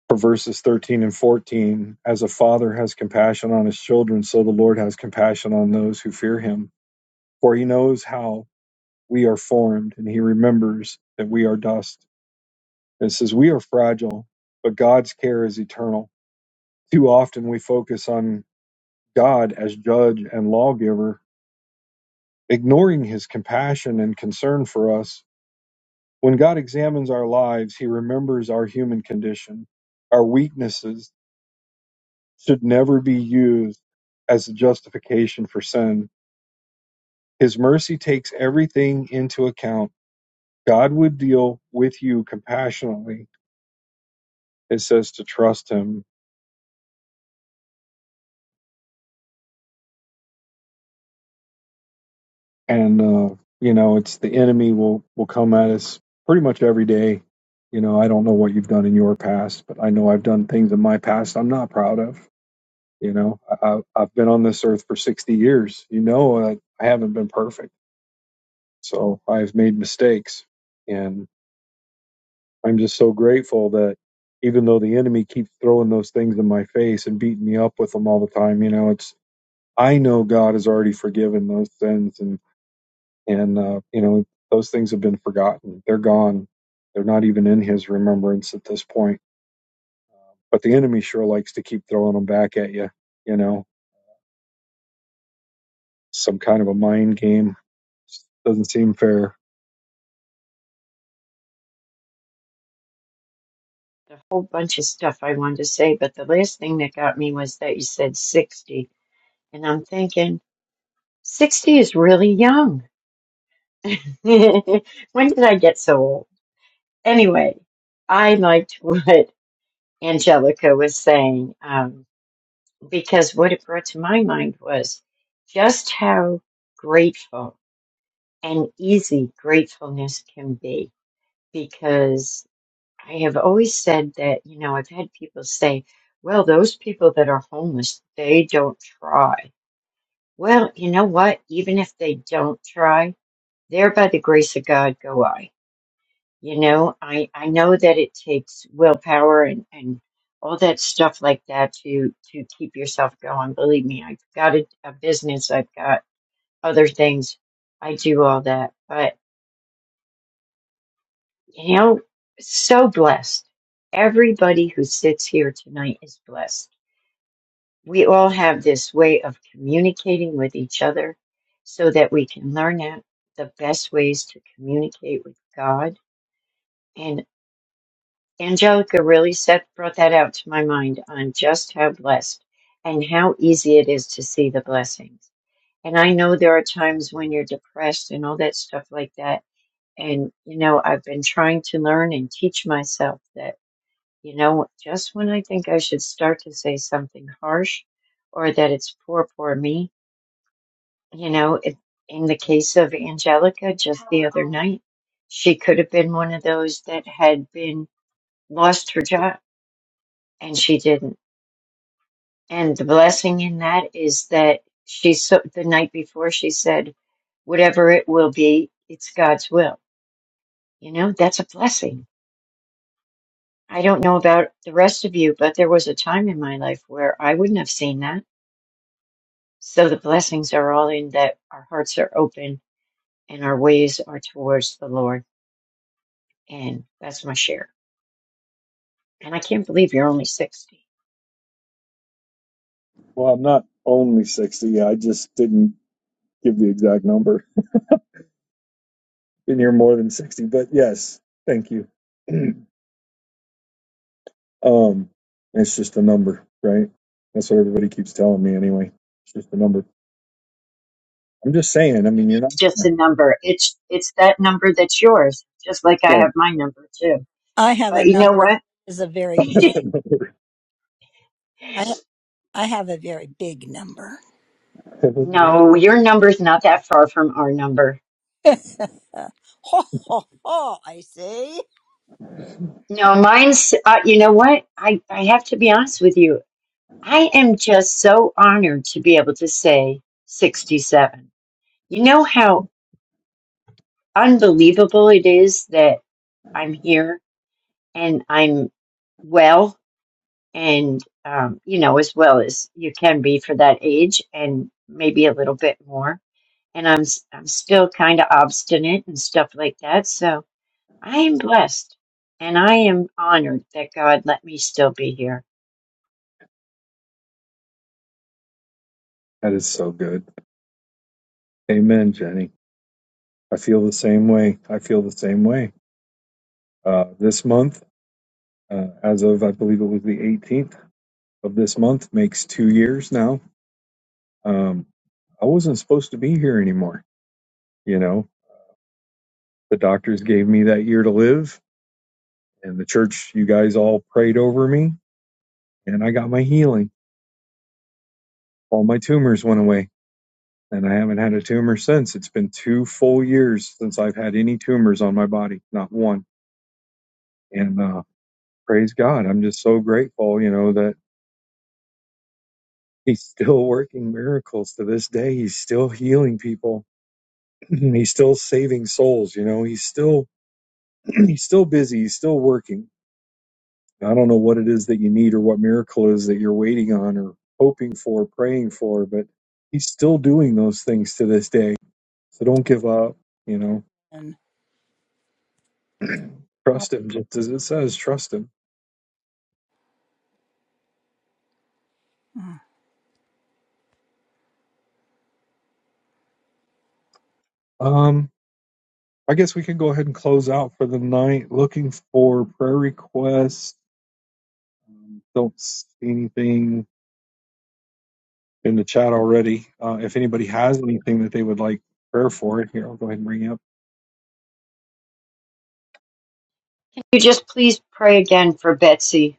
For verses 13 and 14, as a father has compassion on his children, so the Lord has compassion on those who fear him. For he knows how we are formed, and he remembers that we are dust. It says, We are fragile, but God's care is eternal. Too often we focus on God as judge and lawgiver, ignoring his compassion and concern for us When God examines our lives, he remembers our human condition. Our weaknesses should never be used as a justification for sin. His mercy takes everything into account. God would deal with you compassionately. It says to trust him. And, uh, you know, it's the enemy will, will come at us pretty much every day. You know, I don't know what you've done in your past, but I know I've done things in my past I'm not proud of. You know, I, I- have been on this earth for 60 years. You know, I, I haven't been perfect. So I've made mistakes. And I'm just so grateful that even though the enemy keeps throwing those things in my face and beating me up with them all the time, you know, it's, I know God has already forgiven those sins and, and, uh, you know, those things have been forgotten. They're gone. They're not even in his remembrance at this point. But the enemy sure likes to keep throwing them back at you, you know, some kind of a mind game. Doesn't seem fair.
a whole bunch of stuff I wanted to say, but the last thing that got me was that you said sixty, and I'm thinking sixty is really young. [LAUGHS] when did I get so old? Anyway, I liked [LAUGHS] what Angelica was saying. Um, because what it brought to my mind was just how grateful and easy gratefulness can be. Because I have always said that, you know, I've had people say, well, those people that are homeless, they don't try. Well, you know what? Even if they don't try, there by the grace of God go I. You know, I, I know that it takes willpower and, and all that stuff like that to, to keep yourself going. Believe me, I've got a, a business. I've got other things. I do all that. But, you know, so blessed. Everybody who sits here tonight is blessed. We all have this way of communicating with each other so that we can learn out the best ways to communicate with God. and. Angelica really set brought that out to my mind on just how blessed and how easy it is to see the blessings. And I know there are times when you're depressed and all that stuff like that. And you know, I've been trying to learn and teach myself that, you know, just when I think I should start to say something harsh or that it's poor, poor me, you know, it, in the case of Angelica just the other night, she could have been one of those that had been lost her job and she didn't And the blessing in that is that she so the night before she said, "Whatever it will be, it's God's will." You know, that's a blessing. I don't know about the rest of you, but there was a time in my life where I wouldn't have seen that. So the blessings are all in that our hearts are open and our ways are towards the Lord. And that's my share. And I can't believe you're only 60.
Well, I'm not only 60. Yeah, I just didn't give the exact number. And you're more than 60, but yes, thank you. [CLEARS THROAT] um, it's just a number, right? That's what everybody keeps telling me anyway. It's just a number. I'm just saying, I mean,
It is
you're not
just a number. It's it's that number that's yours, just like I
right.
have my number too.
I have a
But you know
number
what?
is a very
[LAUGHS]
big. I I have a very big number.
[LAUGHS]
No, your number's not that far from our number.
[LAUGHS] ho ho ho! I see.
No, mine's, uh, you know what? I, I have to be honest with you. I am just so honored to be able to say 67. You know how unbelievable it is that I'm here and I'm well and, um, you know, as well as you can be for that age and maybe a little bit more. And I'm, s- I'm still kind of obstinate and stuff like that. So, I am blessed and I am honored that God let me still be here.
That is so good. Amen, Jenny. I feel the same way. I feel the same way. Uh, this month, uh, as of I believe it was the 18th of this month, makes two years now. Um, I wasn't supposed to be here anymore. You know, the doctors gave me that year to live, and the church, you guys all prayed over me, and I got my healing. All my tumors went away, and I haven't had a tumor since. It's been two full years since I've had any tumors on my body, not one. And uh, praise God, I'm just so grateful, you know, that He's still working miracles to this day. He's still healing people. [CLEARS THROAT] he's still saving souls. You know, he's still [CLEARS THROAT] he's still busy. He's still working. I don't know what it is that you need or what miracle it is that you're waiting on or hoping for, praying for, but he's still doing those things to this day. So don't give up. You
And
know, [CLEARS THROAT] trust him. Just as it says, trust him.
hmm,
Um, I guess we can go ahead and close out for the night. Looking for prayer requests. Don't see anything in the chat already. Uh, if anybody has anything that they would like prayer for, here I'll go ahead and bring it up
Can you just please pray again for Betsy?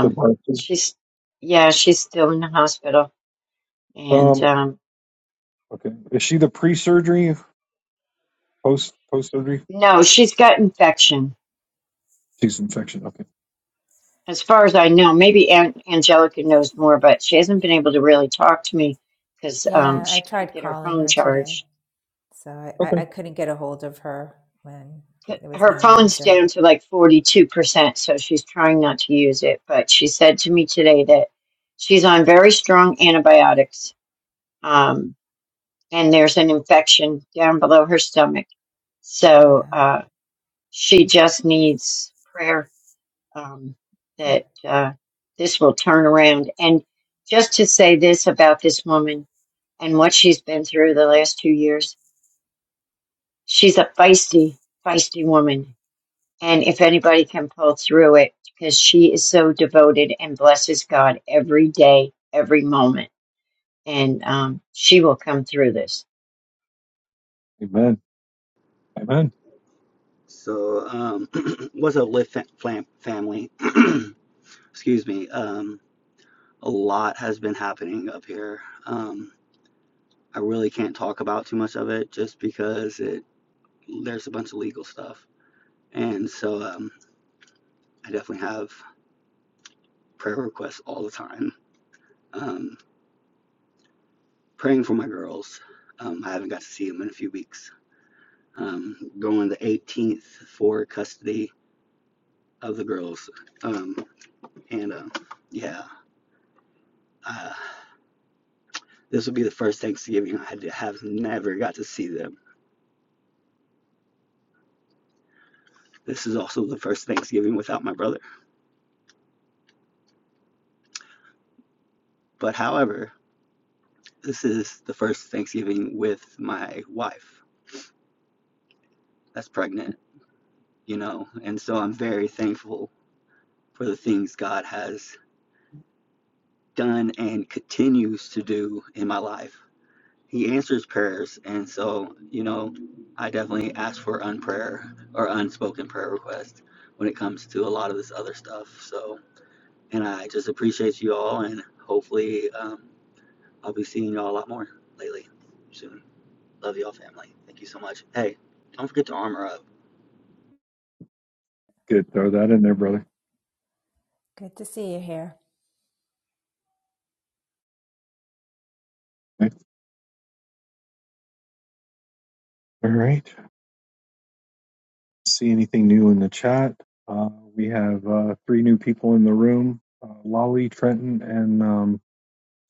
for Barb.
she's, yeah, she's still in the hospital. And
Um,
um,
okay, is she the pre-surgery, post post surgery?
no, she's got infection.
She's infection. Okay,
As far as I know, maybe An- Angelica knows more, but she hasn't been able to really talk to me because um,
Yeah, I
she can't
tried
get her
calling
phone
her today.
charged.
So I, I I couldn't get a hold of her when there was
her
no
phone's
answer.
down to like 42%, so she's trying not to use it. But she said to me today that she's on very strong antibiotics, um, and there's an infection down below her stomach. So
Yeah.
uh, she just needs prayer um, that
Yep.
uh, this will turn around. And just to say this about this woman and what she's been through the last two years, she's a feisty, feisty woman And if anybody can pull through it, because she is so devoted and blesses God every day, every moment. And um, she will come through this.
amen, amen.
So, um, [CLEARS THROAT] what's up, Lift fa- family? [CLEARS THROAT] Excuse me. Um, a lot has been happening up here. Um, I really can't talk about too much of it just because it there's a bunch of legal stuff, and so um, I definitely have prayer requests all the time. Um, praying for my girls. Um, I haven't got to see them in a few weeks. Um, going the 18th for custody of the girls, um, and uh, yeah. uh, This will be the first Thanksgiving I have never got to see them. This is also the first Thanksgiving without my brother. But however, this is the first Thanksgiving with my wife that's pregnant, you know, and so I'm very thankful for the things God has done and continues to do in my life. He answers prayers, and so, you know, I definitely ask for unprayer or unspoken prayer requests when it comes to a lot of this other stuff. So, And I just appreciate you all, and hopefully, um, I'll be seeing y'all a lot more lately soon. Love y'all, family. Thank you so much. Hey, don't forget to armor up.
Good, throw that in there, brother.
Good to see you here.
Okay. All right. See anything new in the chat? Uh, we have uh, three new people in the room: uh, Lolly, Trenton, and um,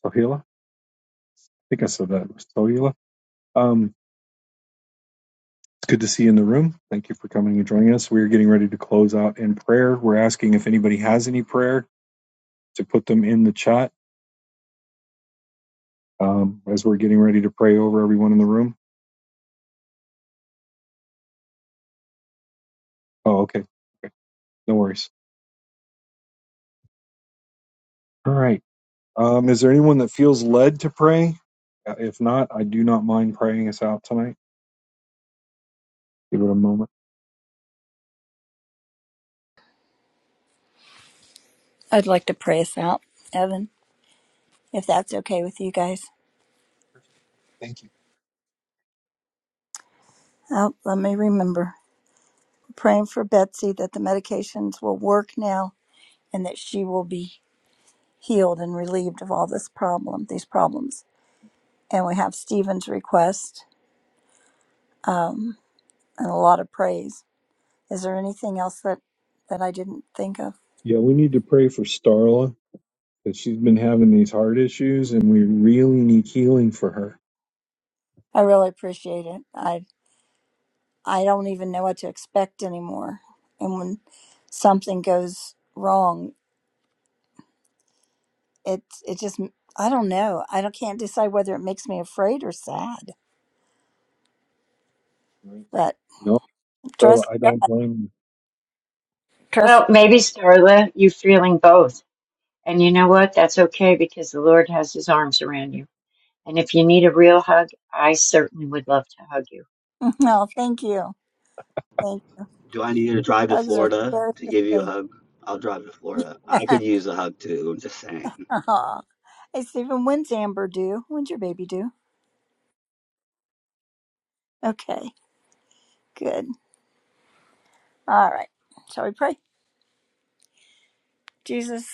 Sohila. I think I said that. Sohila. Um, It's good to see you in the room. Thank you for coming and joining us. We're getting ready to close out in prayer. We're asking if anybody has any prayer to put them in the chat um, as we're getting ready to pray over everyone in the room. Oh, okay. okay. No worries. All right. Um, is there anyone that feels led to pray? Uh, If not, I do not mind praying us out tonight. Give it a moment.
I'd like to pray us out, Evan, if that's okay with you guys. Oh, let me remember. Praying for Betsy that the medications will work now and that she will be healed and relieved of all this problem, these problems. And we have Stephen's request um, and a lot of praise. Is there anything else that that I didn't think of?
Yeah, we need to pray for Starla because she's been having these heart issues and we really need healing for her.
I really appreciate it. I I don't even know what to expect anymore. And when something goes wrong, it it just I don't know. I don't can't decide whether it makes me afraid or sad. But
No, Starla,
trust
I
God,
don't blame
trust.
Well,
[LAUGHS]
maybe, Starla, you feeling both. And you know what? That's okay because the Lord has his arms around you. And if you need a real hug, I certainly would love to hug you.
No, thank you, thank you.
Do I need you to drive to
Hugs are
Florida
so
to give you a
sustainable.
hug? I'll drive to Florida. I could use a hug too. I'm just saying.
[LAUGHS] Aw. Hey, Stephen, when's Amber due? When's your baby due? Okay, good. All right. Shall we pray? Jesus,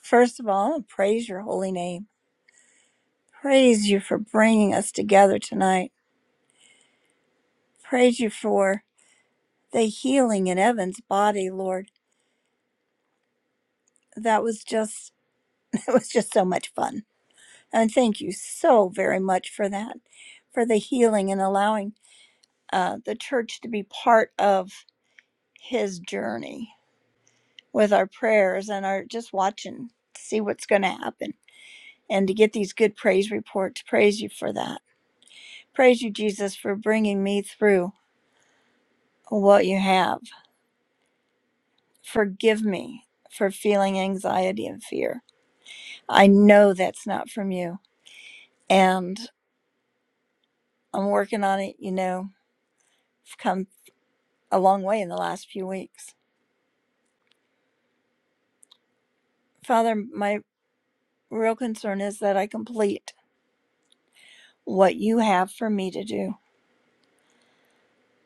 first of all, I wanna praise your holy name. Praise you for bringing us together tonight. Praise you for the healing in Evan's body, Lord. That was just, [LAUGHS] that was just so much fun. And thank you so very much for that, for the healing and allowing uh, the church to be part of his journey with our prayers and our just watching to see what's going to happen and to get these good praise reports. Praise you for that. Praise you, Jesus, for bringing me through what you have. Forgive me for feeling anxiety and fear. I know that's not from you. And I'm working on it, you know, I've come a long way in the last few weeks. Father, my real concern is that I complete what you have for me to do.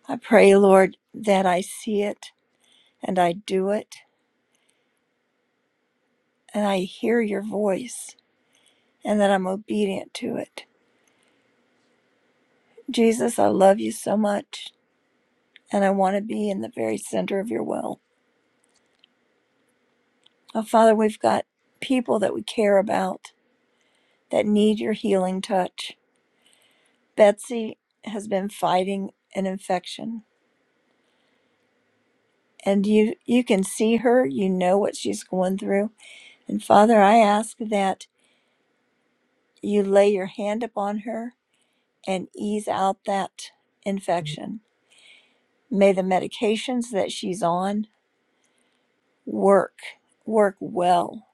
I pray, Lord, that I see it and I do it, and I hear your voice, and that I'm obedient to it. Jesus, I love you so much, and I want to be in the very center of your will. Oh, Father, we've got people that we care about that need your healing touch. Betsy has been fighting an infection, and you you can see her, you know what she's going through. And Father, I ask that you lay your hand upon her and ease out that infection May the medications that she's on work, work well,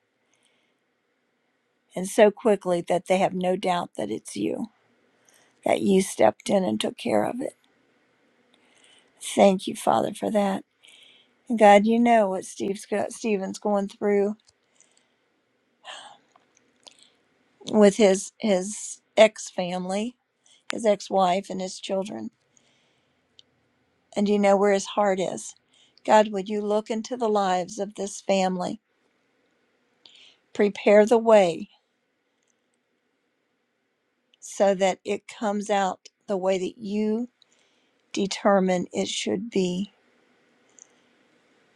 and so quickly that they have no doubt that it's you, that you stepped in and took care of it. Thank you, Father, for that. And God, you know what Steve's got, Stephen's going through with his his ex family, his ex wife, and his children, and you know where his heart is. God, would you look into the lives of this family, prepare the way so that it comes out the way that you determine it should be.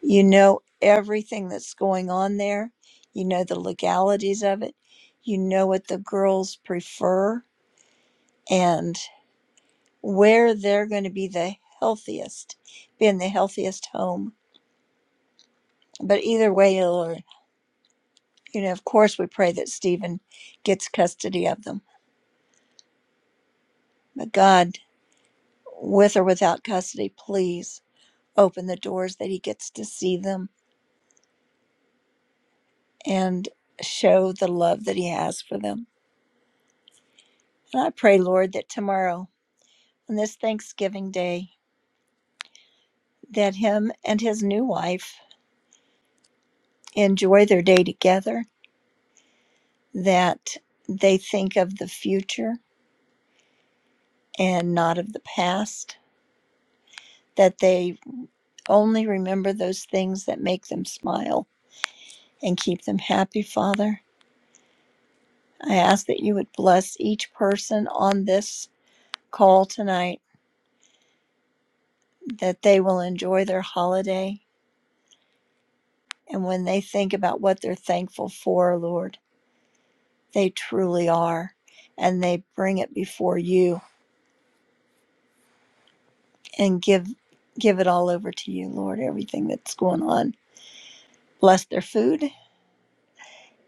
You know everything that's going on there. You know the legalities of it. You know what the girls prefer and where they're going to be the healthiest, be in the healthiest home. But either way, Lord, you know, of course, we pray that Stephen gets custody of them. But God, with or without custody, please open the doors that he gets to see them and show the love that he has for them. And I pray, Lord, that tomorrow, on this Thanksgiving Day, that him and his new wife enjoy their day together, that they think of the future and not of the past, that they only remember those things that make them smile and keep them happy, Father. I ask that you would bless each person on this call tonight, that they will enjoy their holiday. And when they think about what they're thankful for, Lord, They truly are. And they bring it before you and give give it all over to you, Lord, everything that's going on. Bless their food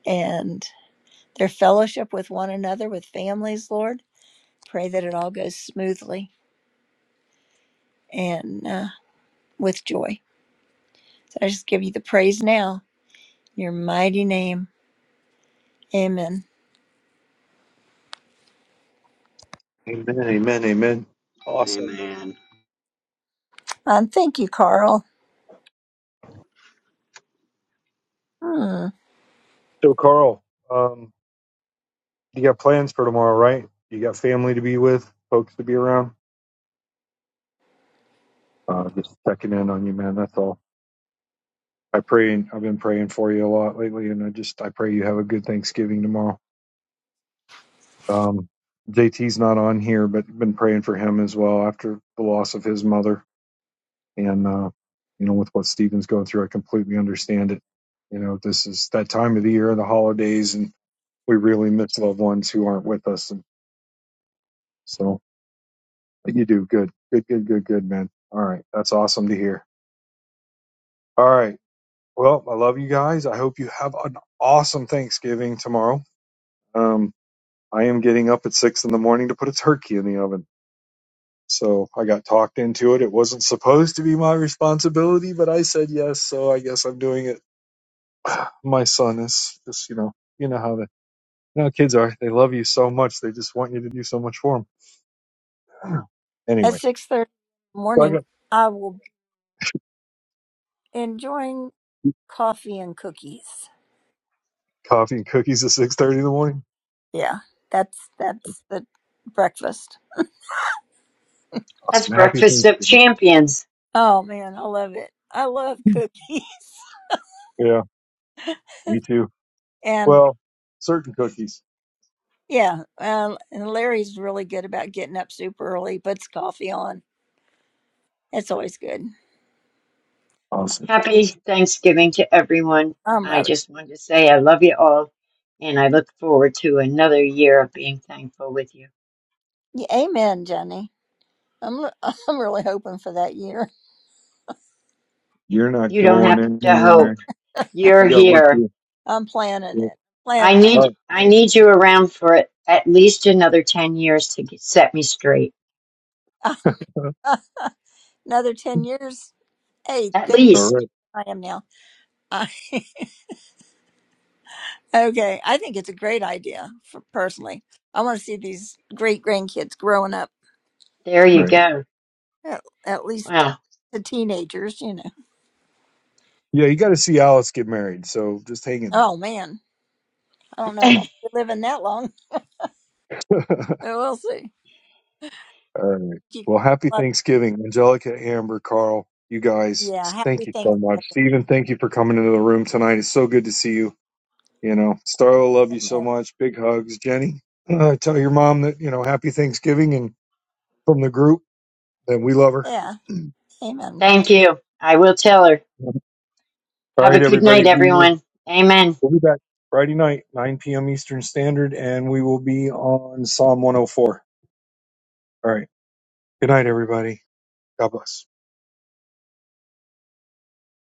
and their fellowship with one another, with families, Lord. Pray that it all goes smoothly and uh, with joy. So I just give you the praise now. in Your mighty name. Amen.
you. Amen. Amen. Amen. Awesome.
Amen.
Um, thank you, Carl. Hmm.
So, Carl, um, you got plans for tomorrow, right? You got family to be with, folks to be around. Uh, just checking in on you, man. That's all. I pray, and I've been praying for you a lot lately, and I just I pray you have a good Thanksgiving tomorrow. Um, JT's not on here, but been praying for him as well after the loss of his mother, and uh, you know, with what Stephen's going through, I completely understand it. You know, this is that time of the year, the holidays, and we really miss loved ones who aren't with us, and so. You do good. Good, good, good, good, man. All right. That's awesome to hear. All right. Well, I love you guys. I hope you have an awesome Thanksgiving tomorrow. Um, I am getting up at six in the morning to put a turkey in the oven. So I got talked into it. It wasn't supposed to be my responsibility, but I said yes. So I guess I'm doing it. My son is just, you know, you know how the, you know, how kids are. They love you so much. They just want you to do so much for them.
At
Anyway,
6.30
so I
morning,
got
I will be enjoying coffee and cookies.
coffee and cookies at 6.30 in the morning.
Yeah, that's that's the breakfast.
That's
Awesome. Happy
Breakfast of
Thanksgiving.
Champions.
Oh man, I love it. I love cookies.
Yeah.
[LAUGHS]
You too.
and
Well, certain cookies.
yeah, uh, and Larry's really good about getting up super early, puts coffee on. It's always good.
Awesome.
Happy Thanksgiving to everyone.
I'm
I
rather
just wanted to say I love you all. And I look forward to another year of being thankful with you.
yeah, amen, Jenny. I'm [LAUGHS] I'm really hoping for that year.
You're not
You don't
going
have to hope.
anywhere.
You're
You got work
here.
to
I'm planning
do.
it,
I
planning on
All
it.
need
right.
I need you around for at least another 10 years to get- set me straight.
Ah, another ten years. Hey,
At
then you.
All
least.
right.
I am now. I, [LAUGHS] okay, I think it's a great idea for personally. I want to see these great grandkids growing up
There you
Right.
go.
At, at least
Wow.
the teenagers, you know.
Yeah, you got to see Alice get married. So just hang in
Oh man, I don't
[LAUGHS]
know if I'll be living that long. [LAUGHS]
there.
So we'll see.
[LAUGHS] All right.
You guys
Well, happy
love-
Thanksgiving, Angelica, Amber, Carl. You guys,
Yeah, happy
thank you so
Thanksgiving.
much. Steven, thank you for coming into the room tonight. It's so good to see you. You know, Starla, love you so
Amen.
much. Big hugs. Jenny, uh, tell your mom that, you know, happy Thanksgiving and from the group that we love her.
Yeah, amen.
Thank you. I will tell her.
All
Have a
right,
good
everybody.
night
We will
everyone. Amen.
We'll be back Friday night, 9 p.m. Eastern Standard, and we will be on Psalm 104. All right. Good night, everybody. God bless.